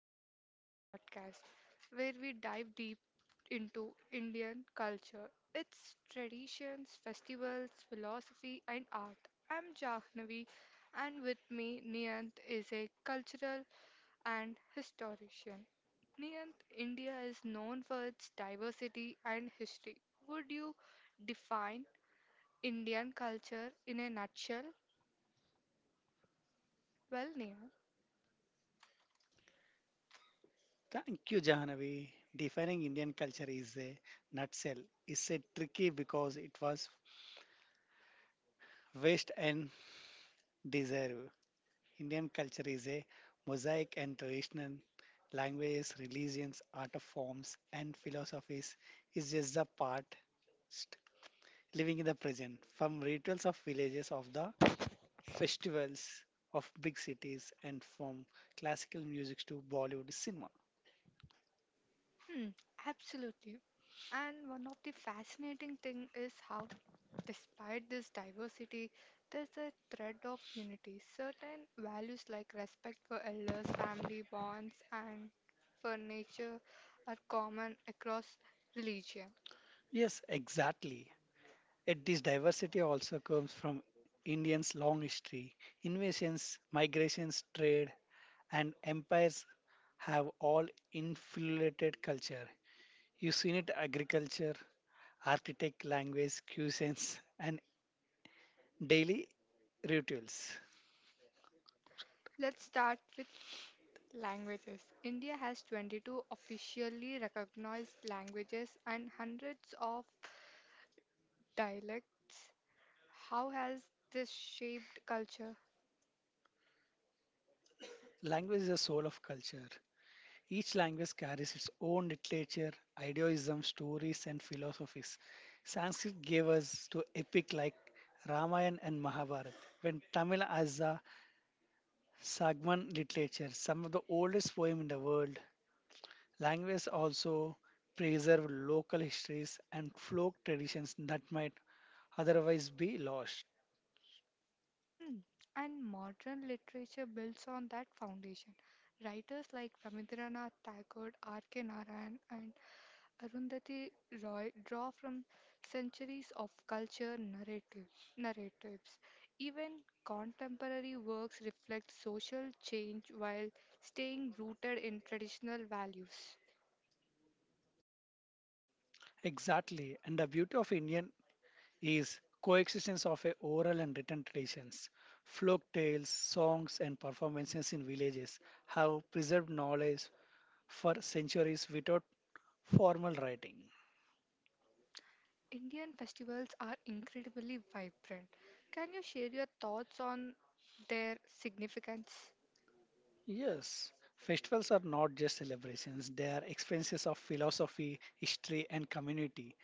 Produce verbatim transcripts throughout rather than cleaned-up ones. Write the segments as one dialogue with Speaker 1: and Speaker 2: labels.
Speaker 1: to this special podcast where we dive deep into Indian culture, its traditions, festivals, philosophy, and art. I'm Jahnavi, and with me, Niyant is a cultural and historian. Niyant, India is known for its diversity and history. Would you define Indian culture in a nutshell? Well, Niyant.
Speaker 2: Thank you, Jahanavi. Defining Indian culture is a nutshell. It's a tricky because it was waste and deserve. Indian culture is a mosaic and traditional languages, religions, art of forms, and philosophies is just the part living in the present. From rituals of villages, of the festivals of big cities, and from classical music to Bollywood cinema.
Speaker 1: Hmm, absolutely. And one of the fascinating thing is how despite this diversity, there's a thread of unity. Certain values like respect for elders, family bonds and for nature are common across religion.
Speaker 2: Yes, exactly. Yet this diversity also comes from Indians' long history. Invasions, migrations, trade, and empires have all infiltrated culture. You've seen it agriculture, architect, language, cuisines, and daily rituals.
Speaker 1: Let's start with languages. India has twenty-two officially recognized languages and hundreds of dialects. How has this shaped culture?
Speaker 2: Language is the soul of culture. Each language carries its own literature, idealism, stories, and philosophies. Sanskrit gave us to epic like Ramayana and Mahabharata. When Tamil as a Sagman literature, some of the oldest poems in the world. Languages also preserve local histories and folk traditions that might otherwise be lost.
Speaker 1: Hmm. And modern literature builds on that foundation. Writers like Rabindranath Tagore, R. K. Narayan, and Arundhati Roy draw from centuries of culture narrative, narratives. Even contemporary works reflect social change while staying rooted in traditional values.
Speaker 2: Exactly, and the beauty of Indian is coexistence of a oral and written traditions. Folk tales, songs, and performances in villages have preserved knowledge for centuries without formal writing.
Speaker 1: Indian festivals are incredibly vibrant. Can you share your thoughts on their significance?
Speaker 2: Yes, festivals are not just celebrations, they are experiences of philosophy, history, and community.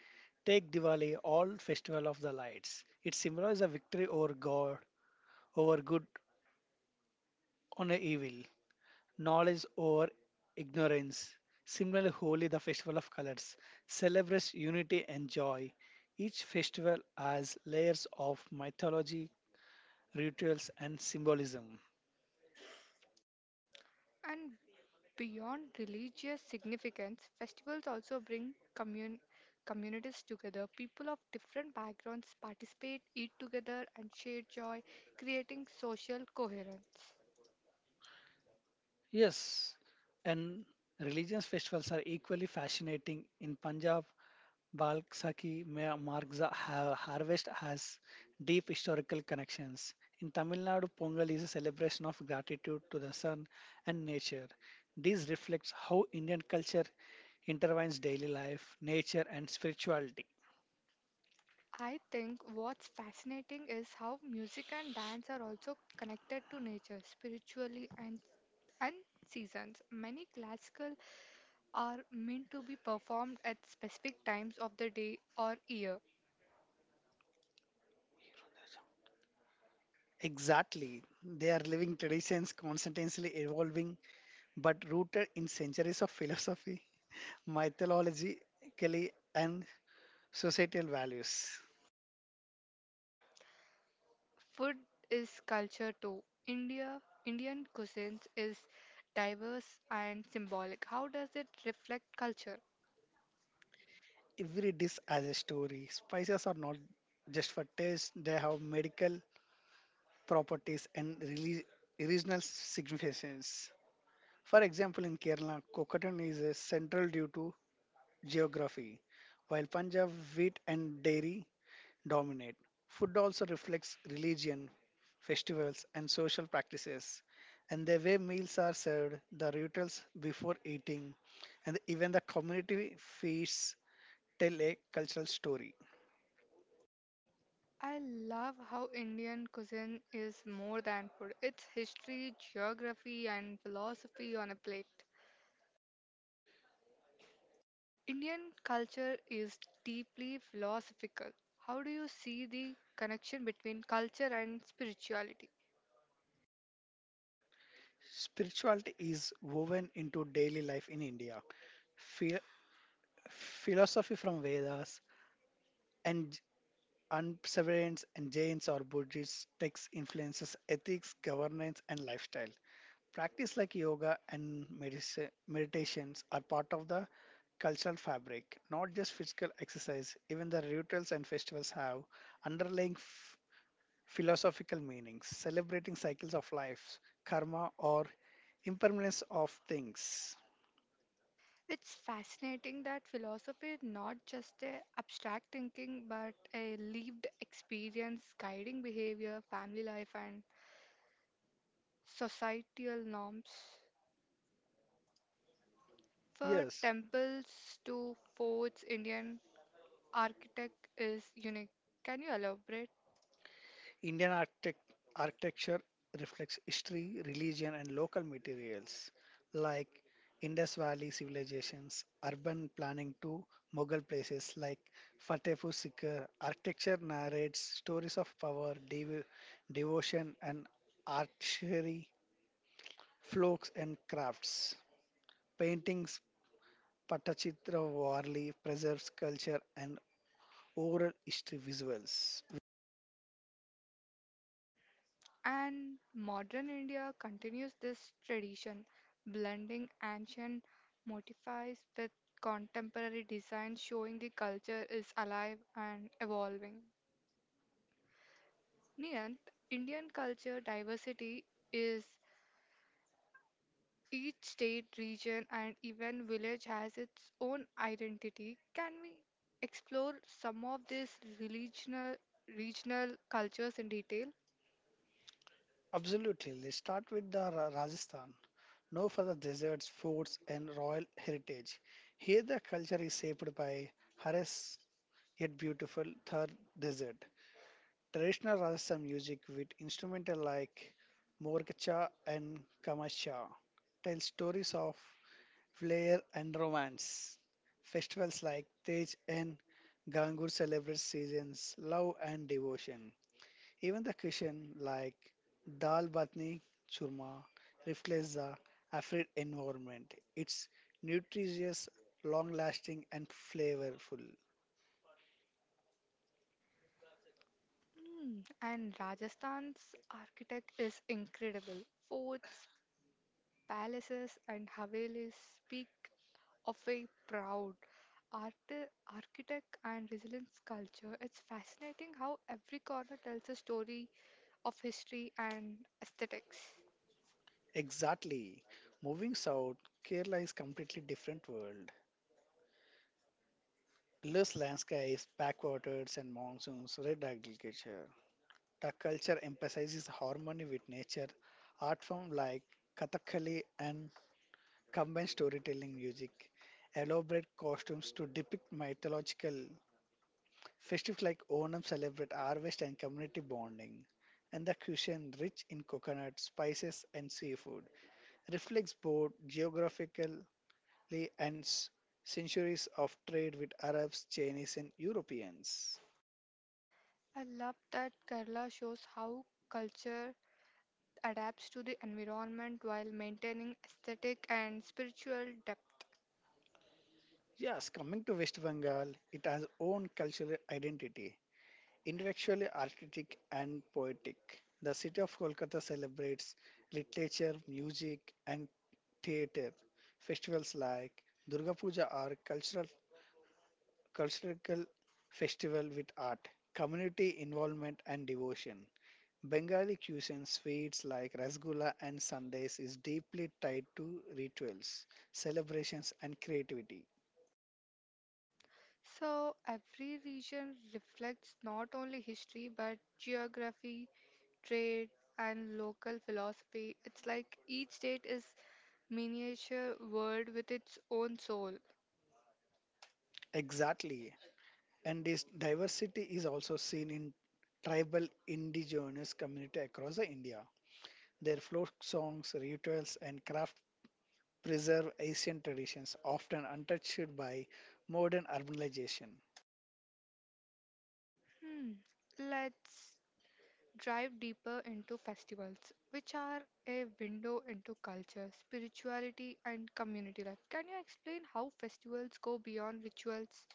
Speaker 2: Take Diwali, all festival of the lights. It symbolizes a victory over God, over good, on evil, knowledge over ignorance. Similarly, Holi, the festival of colors, celebrates unity and joy. Each festival has layers of mythology, rituals, and symbolism.
Speaker 1: And beyond religious significance, festivals also bring commun- communities together. People of different backgrounds participate, eat together, and share joy, creating social coherence.
Speaker 2: Yes, and religious festivals are equally fascinating. In Punjab, Balsaki ma- marks the ha- harvest has deep historical connections. In Tamil Nadu, Pongal is a celebration of gratitude to the sun and nature. This reflects how Indian culture intertwines daily life, nature, and spirituality.
Speaker 1: I think what's fascinating is how music and dance are also connected to nature spiritually and, and seasons. Many classical are meant to be performed at specific times of the day or year.
Speaker 2: Exactly. They are living traditions constantly evolving but rooted in centuries of philosophy, mythologically, and societal values.
Speaker 1: Food is culture too. India Indian cuisines is diverse and symbolic. How does it reflect culture?
Speaker 2: Every dish has a story. Spices are not just for taste, they have medical properties and reli- regional significance. For example, in Kerala, coconut is a central due to geography, while Punjab, wheat, and dairy dominate. Food also reflects religion, festivals, and social practices. And the way meals are served, the rituals before eating, and even the community feasts tell a cultural story.
Speaker 1: I love how Indian cuisine is more than food. It's history, geography and philosophy on a plate. Indian culture is deeply philosophical. How do you see the connection between culture and spirituality?
Speaker 2: Spirituality is woven into daily life in India. Phi- philosophy from Vedas and Unseverance and Jains or Buddhist texts influences ethics, governance, and lifestyle. Practice like yoga and medici- meditations are part of the cultural fabric, not just physical exercise. Even the rituals and festivals have underlying f- philosophical meanings, celebrating cycles of life, karma, or impermanence of things.
Speaker 1: It's fascinating that philosophy is not just a abstract thinking but a lived experience guiding behavior, family life and societal norms. For
Speaker 2: Yes.
Speaker 1: temples to forts, Indian architect is unique. Can you elaborate?
Speaker 2: Indian architect- architecture reflects history, religion, and local materials like Indus Valley civilizations, urban planning to Mughal places like Fatehpur Sikri. Architecture narrates stories of power, dev- devotion, and archery, folks, and crafts. Paintings, Patachitra Warli preserves culture and oral history visuals.
Speaker 1: And modern India continues this tradition, blending ancient motifs with contemporary design, showing the culture is alive and evolving. Niyant, Indian culture diversity is each state, region, and even village has its own identity. Can we explore some of these regional regional cultures in detail?
Speaker 2: Absolutely. Let's start with the Ra- Rajasthan. No further deserts, forts, and royal heritage. Here, the culture is shaped by Harris, yet beautiful Thar desert. Traditional Rajasthan music with instrumental like Morkacha and Kamasha tell stories of flair and romance. Festivals like Tej and Gangur celebrate seasons, love, and devotion. Even the cuisine like dal batni churma reflects the Afrid environment. It's nutritious, long lasting, and flavorful.
Speaker 1: Hmm, and Rajasthan's architect is incredible. Forts, palaces, and havelis speak of a proud art, architect and resilience culture. It's fascinating how every corner tells a story of history and aesthetics.
Speaker 2: Exactly. Moving south, Kerala is completely different world. Lush landscapes, backwaters, and monsoons, red agriculture. The culture emphasizes harmony with nature. Art form like Kathakali and combined storytelling music, elaborate costumes to depict mythological festivals like Onam celebrate harvest and community bonding, and the cuisine, rich in coconut, spices, and seafood, reflects both geographically and s- centuries of trade with Arabs, Chinese, and Europeans.
Speaker 1: I love that Kerala shows how culture adapts to the environment while maintaining aesthetic and spiritual depth.
Speaker 2: Yes, coming to West Bengal, it has own cultural identity, intellectually artistic and poetic. The city of Kolkata celebrates literature, music, and theater. Festivals like Durga Puja are cultural cultural festival with art, community involvement and devotion. Bengali cuisine sweets like rasgulla and sundaes is deeply tied to rituals, celebrations and creativity.
Speaker 1: So, every region reflects not only history but geography, trade, and local philosophy. It's like each state is miniature world with its own soul.
Speaker 2: Exactly. And this diversity is also seen in tribal indigenous community across the India. Their folk songs, rituals and craft preserve ancient traditions often untouched by modern urbanization.
Speaker 1: Hmm. Let's drive deeper into festivals, which are a window into culture, spirituality, and community life. Can you explain how festivals go beyond rituals?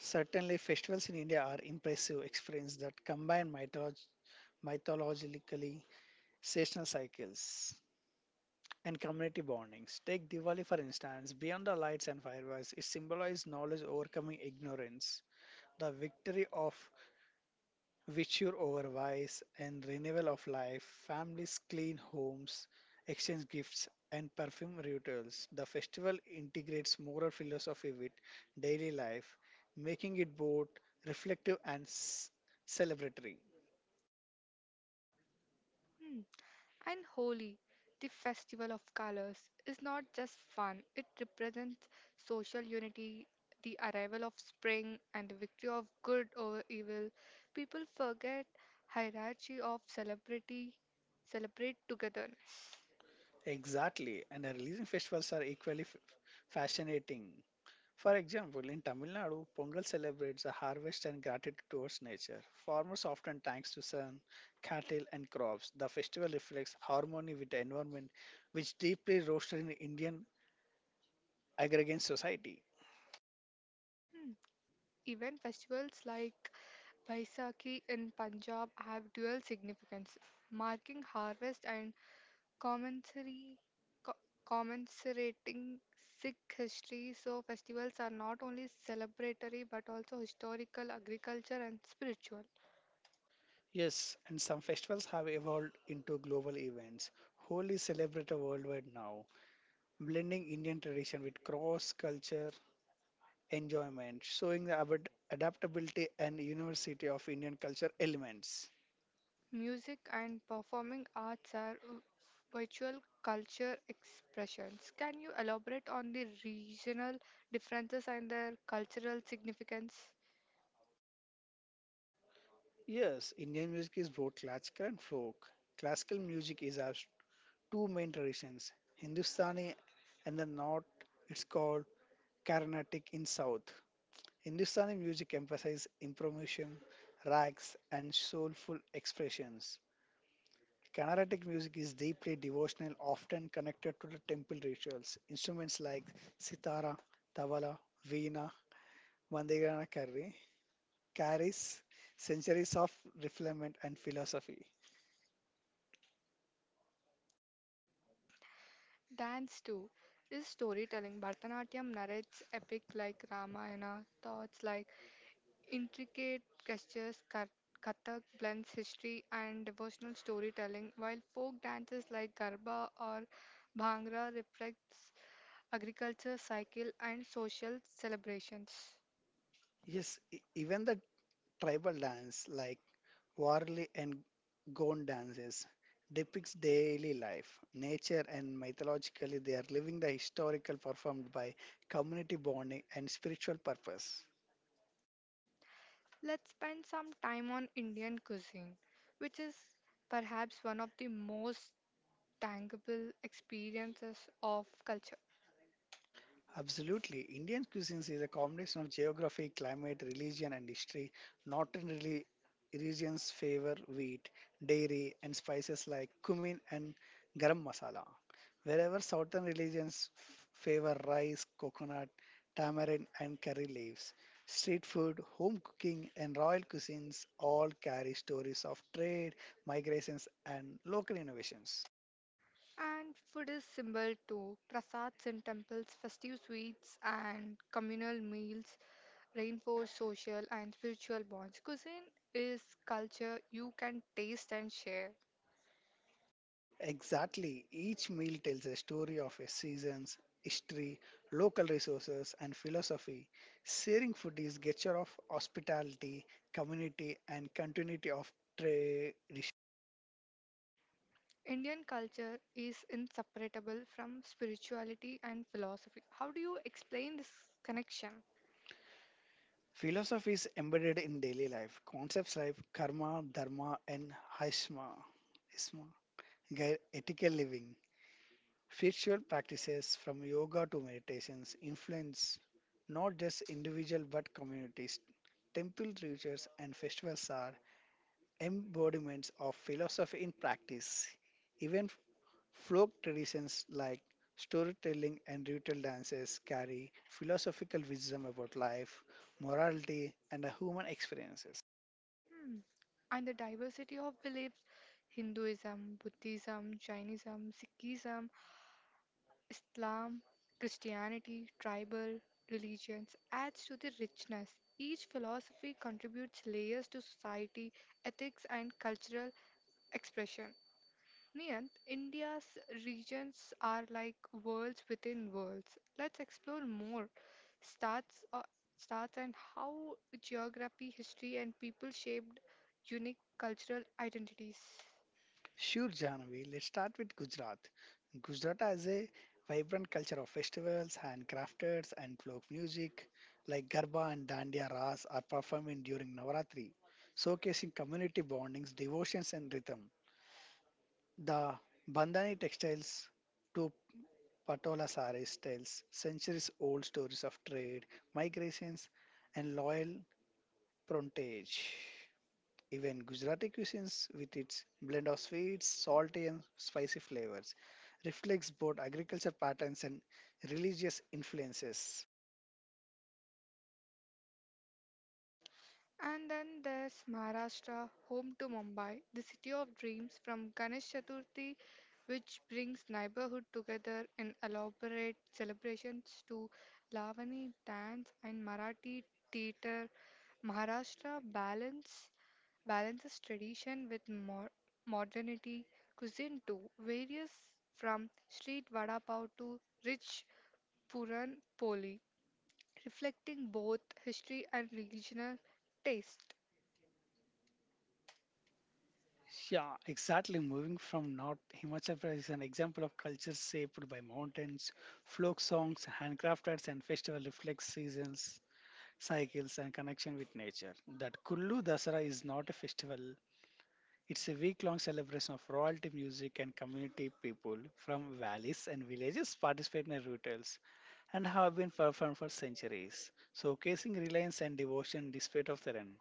Speaker 2: Certainly, festivals in India are impressive experiences that combine mytholog- mythologically seasonal cycles and community bondings. Take Diwali for instance. Beyond the lights and fireworks, it symbolizes knowledge overcoming ignorance, the victory of virtue over vice, and renewal of life, families clean homes, exchange gifts, and perfume rituals. The festival integrates moral philosophy with daily life, making it both reflective and s- celebratory.
Speaker 1: Hmm. And Holi, the festival of colors, is not just fun, it represents social unity. The arrival of spring and the victory of good over evil, people forget hierarchy of celebrity, celebrate together.
Speaker 2: Exactly, and the releasing festivals are equally f- fascinating. For example, in Tamil Nadu, Pongal celebrates the harvest and gratitude towards nature. Farmers often thanks to sun, cattle, and crops. The festival reflects harmony with the environment, which deeply roasted in Indian agrarian society.
Speaker 1: Hmm. Even festivals like Baisakhi in Punjab have dual significance, marking harvest and commemorati- co- commiserating Sikh history. So, festivals are not only celebratory but also historical, agriculture, and spiritual.
Speaker 2: Yes, and some festivals have evolved into global events. Holi is celebrated worldwide now, blending Indian tradition with cross culture enjoyment, showing the avid- adaptability and university of Indian culture elements.
Speaker 1: Music and performing arts are v- virtual culture expressions. Can you elaborate on the regional differences and their cultural significance?
Speaker 2: Yes, Indian music is both classical and folk. Classical music is our two main traditions, Hindustani and the North. It's called Carnatic in South. Hindustani music emphasizes improvisation, rags, and soulful expressions. Carnatic music is deeply devotional, often connected to the temple rituals. Instruments like sitara, tabla, veena, Mandigana Curry carries centuries of refinement and philosophy.
Speaker 1: Dance too is storytelling. Bharatanatyam narrates epic like Ramayana, thoughts like intricate gestures, Kar- Kathak blends history and devotional storytelling, while folk dances like Garba or Bhangra reflects agriculture cycle and social celebrations.
Speaker 2: Yes, e- even the tribal dance like Warli and Gond dances depicts daily life, nature, and mythologically they are living the historical performed by community bonding and spiritual purpose.
Speaker 1: Let's spend some time on Indian cuisine, which is perhaps one of the most tangible experiences of culture.
Speaker 2: Absolutely. Indian cuisines is a combination of geography, climate, religion, and history. Northern really regions favor wheat, dairy, and spices like cumin and garam masala, wherever southern religions f- favor rice, coconut, tamarind, and curry leaves. Street food, home cooking, and royal cuisines all carry stories of trade, migrations, and local innovations.
Speaker 1: And food is symbol too. Prasads in temples, festive sweets, and communal meals reinforce social and spiritual bonds. Cuisine is culture you can taste and share.
Speaker 2: Exactly. Each meal tells a story of a season's history, local resources, and philosophy. Sharing food is gesture of hospitality, community, and continuity of tradition.
Speaker 1: Indian culture is inseparable from spirituality and philosophy. How do you explain this connection?
Speaker 2: Philosophy is embedded in daily life. Concepts like karma, dharma, and haishma, isma, guide ethical living. Spiritual practices from yoga to meditations influence not just individual but communities. Temple rituals and festivals are embodiments of philosophy in practice. Even folk traditions like storytelling and ritual dances carry philosophical wisdom about life, morality, and human experiences.
Speaker 1: Hmm. And the diversity of beliefs Hinduism, Buddhism, Jainism, Sikhism, Islam, Christianity, tribal religions adds to the richness. Each philosophy contributes layers to society, ethics, and cultural expression. Niyant, India's regions are like worlds within worlds. Let's explore more starts uh, starts and how geography, history, and people shaped unique cultural identities.
Speaker 2: Sure, Janavi, let's start with Gujarat. Gujarat has a vibrant culture of festivals, handcrafters, and folk music like Garba and Dandiya Ras are performed during Navaratri, showcasing community bondings, devotions, and rhythm. The Bandhani textiles to Patola sarees tells centuries old stories of trade, migrations, and loyal parentage. Even Gujarati cuisines, with its blend of sweets, salty, and spicy flavors, reflects both agriculture patterns and religious influences.
Speaker 1: And then there's Maharashtra, home to Mumbai, the city of dreams from Ganesh Chaturthi, which brings neighborhood together in elaborate celebrations to Lavani dance and Marathi theater. Maharashtra balance balances tradition with mo- modernity. Cuisine too varies from street vada pav to rich puran poli, reflecting both history and regional taste.
Speaker 2: Yeah, exactly. Moving from North Himachal Pradesh is an example of culture shaped by mountains, folk songs, handcrafts, and festival reflects seasons, cycles, and connection with nature. That Kullu Dasara is not a festival, it's a week long celebration of royalty music and community people from valleys and villages participate in rituals and have been performed for centuries, showcasing reliance and devotion despite of their end.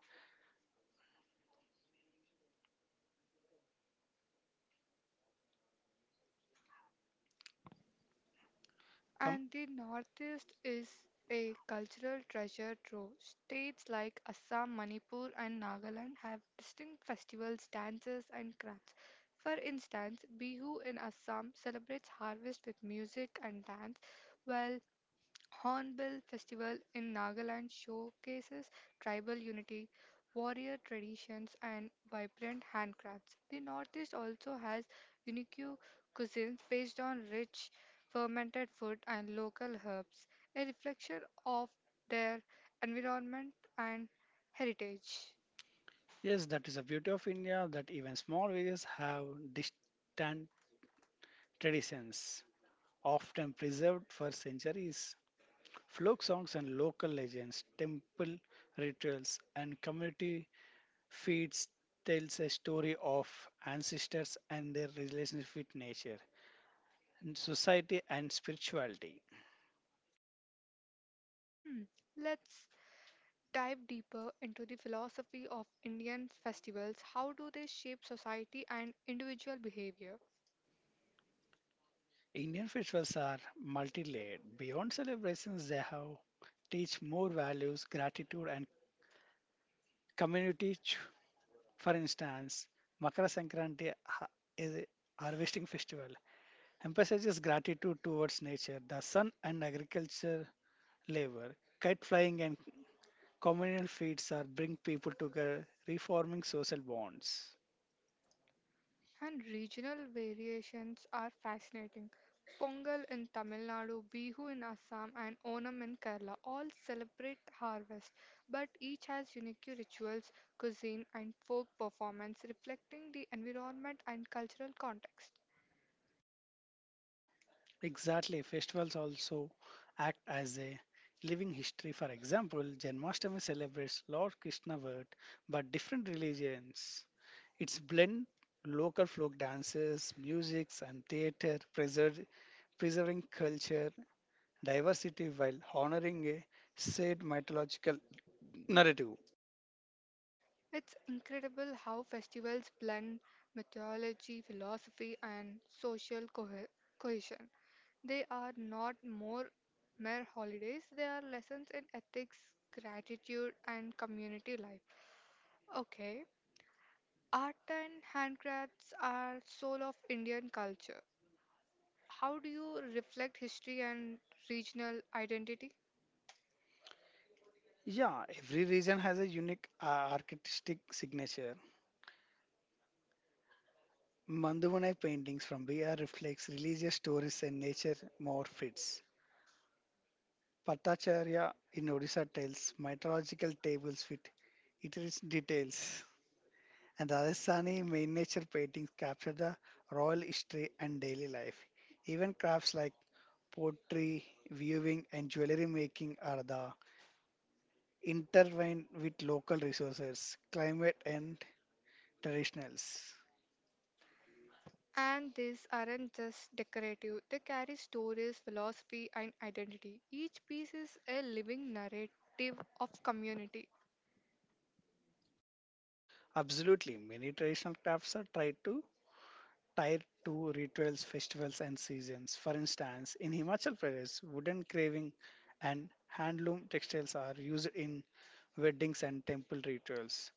Speaker 2: Come,
Speaker 1: And the Northeast is a cultural treasure trove. States like Assam, Manipur, and Nagaland have distinct festivals, dances, and crafts. For instance, Bihu in Assam celebrates harvest with music and dance, while Hornbill Festival in Nagaland showcases tribal unity, warrior traditions, and vibrant handcrafts. The Northeast also has unique cuisines based on rich fermented food and local herbs, a reflection of their environment and heritage.
Speaker 2: yes, that is the beauty of India that even small villages have distant traditions, often preserved for centuries. Folk songs and local legends, temple rituals, and community feeds tells a story of ancestors and their relationship with nature, and society, and spirituality.
Speaker 1: Hmm, Let's dive deeper into the philosophy of Indian festivals. How do they shape society and individual behavior?
Speaker 2: Indian festivals are multi-layered. Beyond celebrations, they have teach more values, gratitude, and community. ch- For instance, Makara Sankranti ha- is a harvesting festival, emphasizes gratitude towards nature, the sun, and agriculture labor. Kite flying and communal feasts are bring people together, reforming social bonds.
Speaker 1: And regional variations are fascinating. Pongal in Tamil Nadu, Bihu in Assam, and Onam in Kerala all celebrate harvest, but each has unique rituals, cuisine, and folk performance reflecting the environment and cultural context.
Speaker 2: Exactly, festivals also act as a living history. For example, Janmashtami celebrates Lord Krishna birth, but different religions. It's blend local folk dances, musics, and theater, preser- preserving culture diversity while honoring a said mythological narrative.
Speaker 1: It's incredible how festivals blend mythology, philosophy, and social cohe- cohesion. They are not more mere holidays, they are lessons in ethics, gratitude, and community life. Okay, art and handcrafts are soul of Indian culture. How do you reflect history and regional identity?
Speaker 2: Yeah, every region has a unique uh, artistic signature. Mandavanai paintings from Bihar reflects religious stories and nature more fits. Pattacharya in Odisha tells mythological tables with its details. And Rajasthani main nature paintings capture the royal history and daily life. Even crafts like pottery, weaving, and jewelry making are the intertwined with local resources, climate, and traditionals.
Speaker 1: And these aren't just decorative, they carry stories, philosophy, and identity. Each piece is a living narrative of community.
Speaker 2: Absolutely, many traditional crafts are tried to tied to rituals, festivals, and seasons. For instance, in Himachal Pradesh, wooden carving and handloom textiles are used in weddings and temple rituals,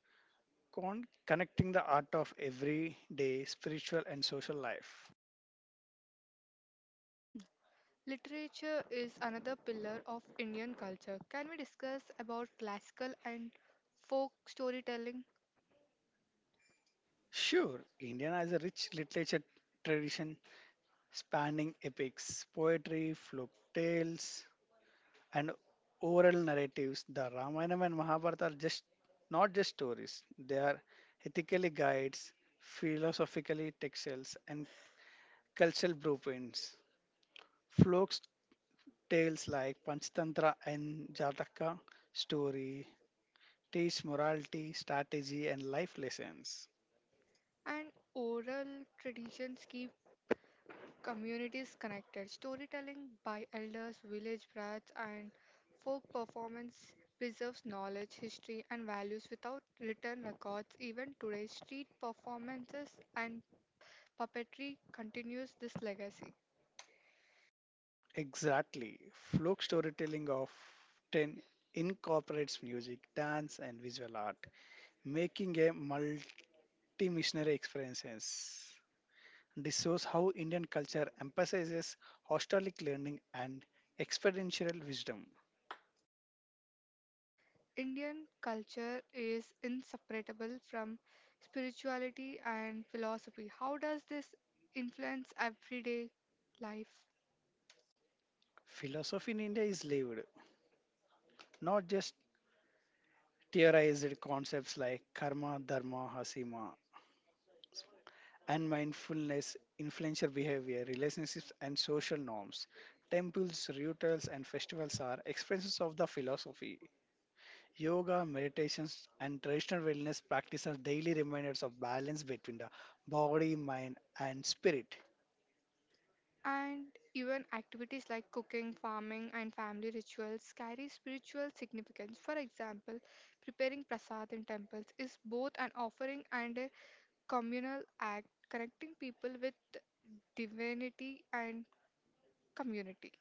Speaker 2: con- connecting the art of everyday spiritual and social life.
Speaker 1: Hmm, Literature is another pillar of Indian culture. Can we discuss about classical and folk storytelling
Speaker 2: Sure, India has a rich literature tradition spanning epics, poetry, folk tales, and oral narratives. The Ramayana and Mahabharata are just not just stories; they are ethically guides, philosophically texts, and cultural blueprints. Folk tales like Panchatantra and Jataka story teach morality, strategy, and life lessons.
Speaker 1: and oral traditions keep communities connected? Storytelling by elders, village brats, and folk performance preserves knowledge, history, and values without written records. Even today, street performances and puppetry continues this legacy.
Speaker 2: Exactly, folk storytelling of ten incorporates music, dance, and visual art, making a multi-missionary experience. This shows how Indian culture emphasizes hostelic learning and experiential wisdom.
Speaker 1: Indian culture is inseparable from spirituality and philosophy. How does this influence everyday life?
Speaker 2: Philosophy in India is lived, not just theorized concepts like karma, dharma, hasima, and mindfulness, influential behavior, relationships, and social norms. Temples, rituals, and festivals are expressions of the philosophy. Yoga, meditations, and traditional wellness practice are daily reminders of balance between the body, mind, and spirit.
Speaker 1: And even activities like cooking, farming, and family rituals carry spiritual significance. For example, preparing prasad in temples is both an offering and a communal act, connecting people with divinity and community.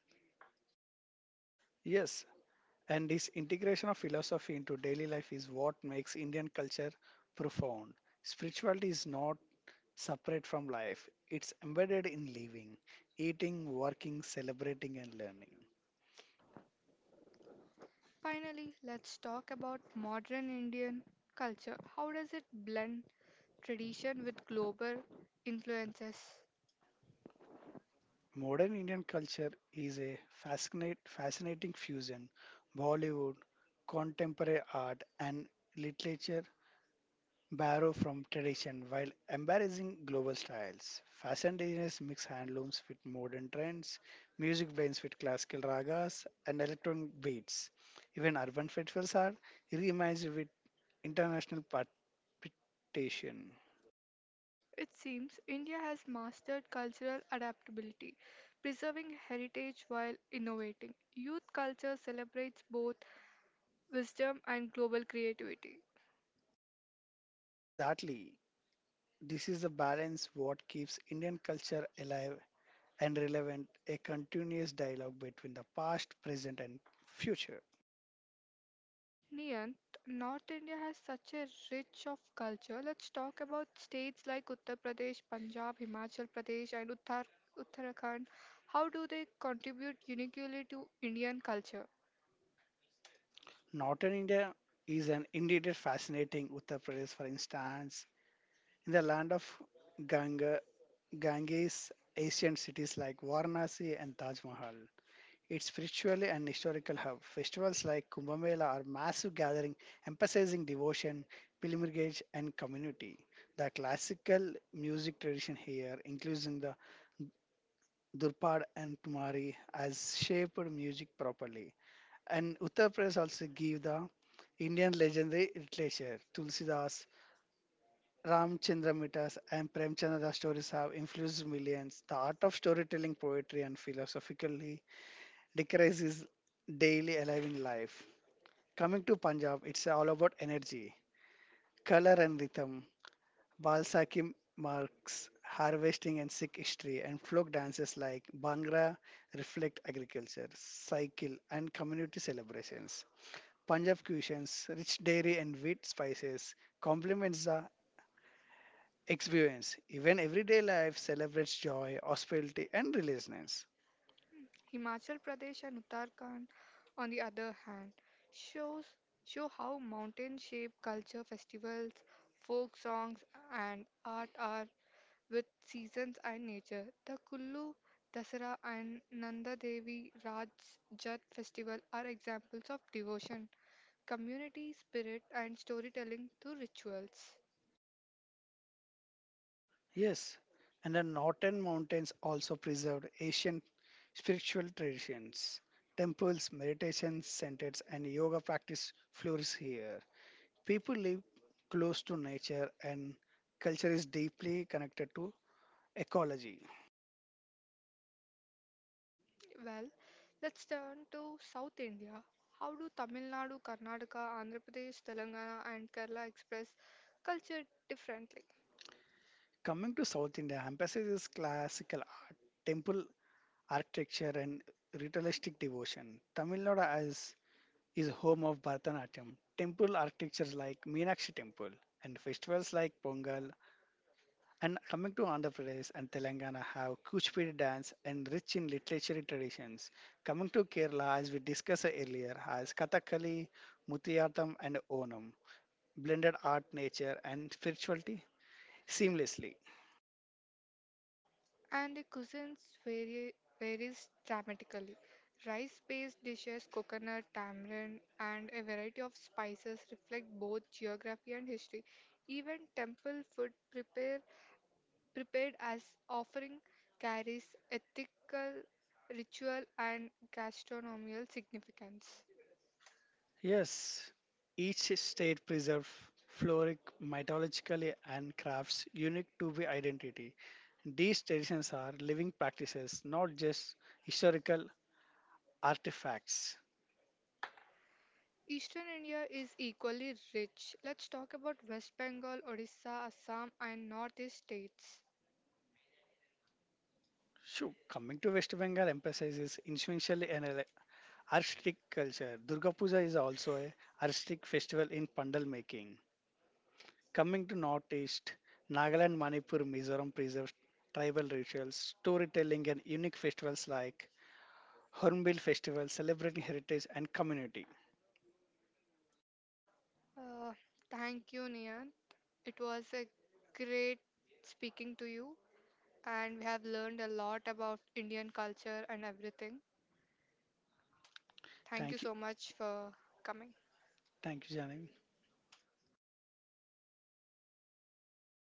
Speaker 2: Yes, and this integration of philosophy into daily life is what makes Indian culture profound. Spirituality is not separate from life, it's embedded in living, eating, working, celebrating, and learning.
Speaker 1: Finally, let's talk about modern Indian culture. How does it blend tradition with global influences?
Speaker 2: Modern Indian culture is a fascinate, fascinating fusion. Bollywood, contemporary art, and literature borrow from tradition while embracing global styles. Fashion designers mix handlooms with modern trends, music blends with classical ragas, and electronic beats. Even urban festivals are reimagined with international participation.
Speaker 1: It seems India has mastered cultural adaptability, preserving heritage while innovating. Youth culture celebrates both wisdom and global creativity.
Speaker 2: Exactly. This is the balance what keeps Indian culture alive and relevant, a continuous dialogue between the past, present, and future.
Speaker 1: Niyant, North India has such a rich of culture. Let's talk about states like Uttar Pradesh, Punjab, Himachal Pradesh, and Uttar Uttarakhand. How do they contribute uniquely to Indian culture?
Speaker 2: Northern India is an indeed a fascinating Uttar Pradesh, for instance, in the land of Ganga, Ganges, ancient cities like Varanasi and Taj Mahal. It's spiritual and historical hub. Festivals like Kumbh Mela are massive gathering emphasizing devotion, pilgrimage, and community. The classical music tradition here, including the Durpad and Tumari, has shaped music properly. And Uttar Pradesh also give the Indian legendary literature, Tulsidas, Ramchandra Mittas and Premchandra stories have influenced millions. The art of storytelling, poetry, and philosophically decries is daily alive in life. Coming to Punjab, it's all about energy, color, and rhythm. Balsaki marks harvesting and Sikh history, and folk dances like Bhangra reflect agriculture, cycle, and community celebrations. Punjab cuisines, rich dairy and wheat spices, complements the experience. Even everyday life celebrates joy, hospitality, and resilience.
Speaker 1: Himachal Pradesh and Uttarakhand, on the other hand, shows show how mountain-shaped culture festivals, folk songs, and art are with seasons and nature. The Kullu Dasara and Nanda Devi Raj Jat festival are examples of devotion, community spirit, and storytelling through rituals.
Speaker 2: Yes, and the northern mountains also preserved ancient spiritual traditions. Temples, meditation centers, and yoga practice flourish here. People live close to nature, and culture is deeply connected to ecology.
Speaker 1: Well, let's turn to South India. How do Tamil Nadu, Karnataka, Andhra Pradesh, Telangana, and Kerala express culture differently?
Speaker 2: Coming to South India, emphasizes classical art, temple architecture, and ritualistic devotion. Tamil Nadu has is home of Bharatanatyam, temple architectures like Meenakshi Temple, and festivals like Pongal. And coming to Andhra Pradesh and Telangana have Kuchipudi dance and rich in literary traditions. Coming to Kerala, as we discussed earlier, has Kathakali, Mutiyattam, and Onam, blended art, nature, and spirituality seamlessly.
Speaker 1: And the cuisines vary, varies dramatically. Rice-based dishes, coconut, tamarind, and a variety of spices reflect both geography and history. Even temple food prepare, prepared as offering carries ethical, ritual, and gastronomical significance.
Speaker 2: Yes, each state preserves floric mythologically and crafts unique to the identity. These traditions are living practices, not just historical artifacts.
Speaker 1: Eastern India is equally rich. Let's talk about West Bengal, Odisha, Assam, and Northeast states.
Speaker 2: Shoo, coming to West Bengal emphasizes influential an ele- artistic culture. Durga Puja is also a artistic festival in pandal making. Coming to Northeast, Nagaland, Manipur, Mizoram preserves tribal rituals, storytelling, and unique festivals like Hornbill Festival, celebrating heritage and community.
Speaker 1: Uh, Thank you, Nian. It was a great speaking to you, and we have learned a lot about Indian culture and everything. Thank you
Speaker 2: Thank you.
Speaker 1: so much for coming.
Speaker 2: Thank you, Janine.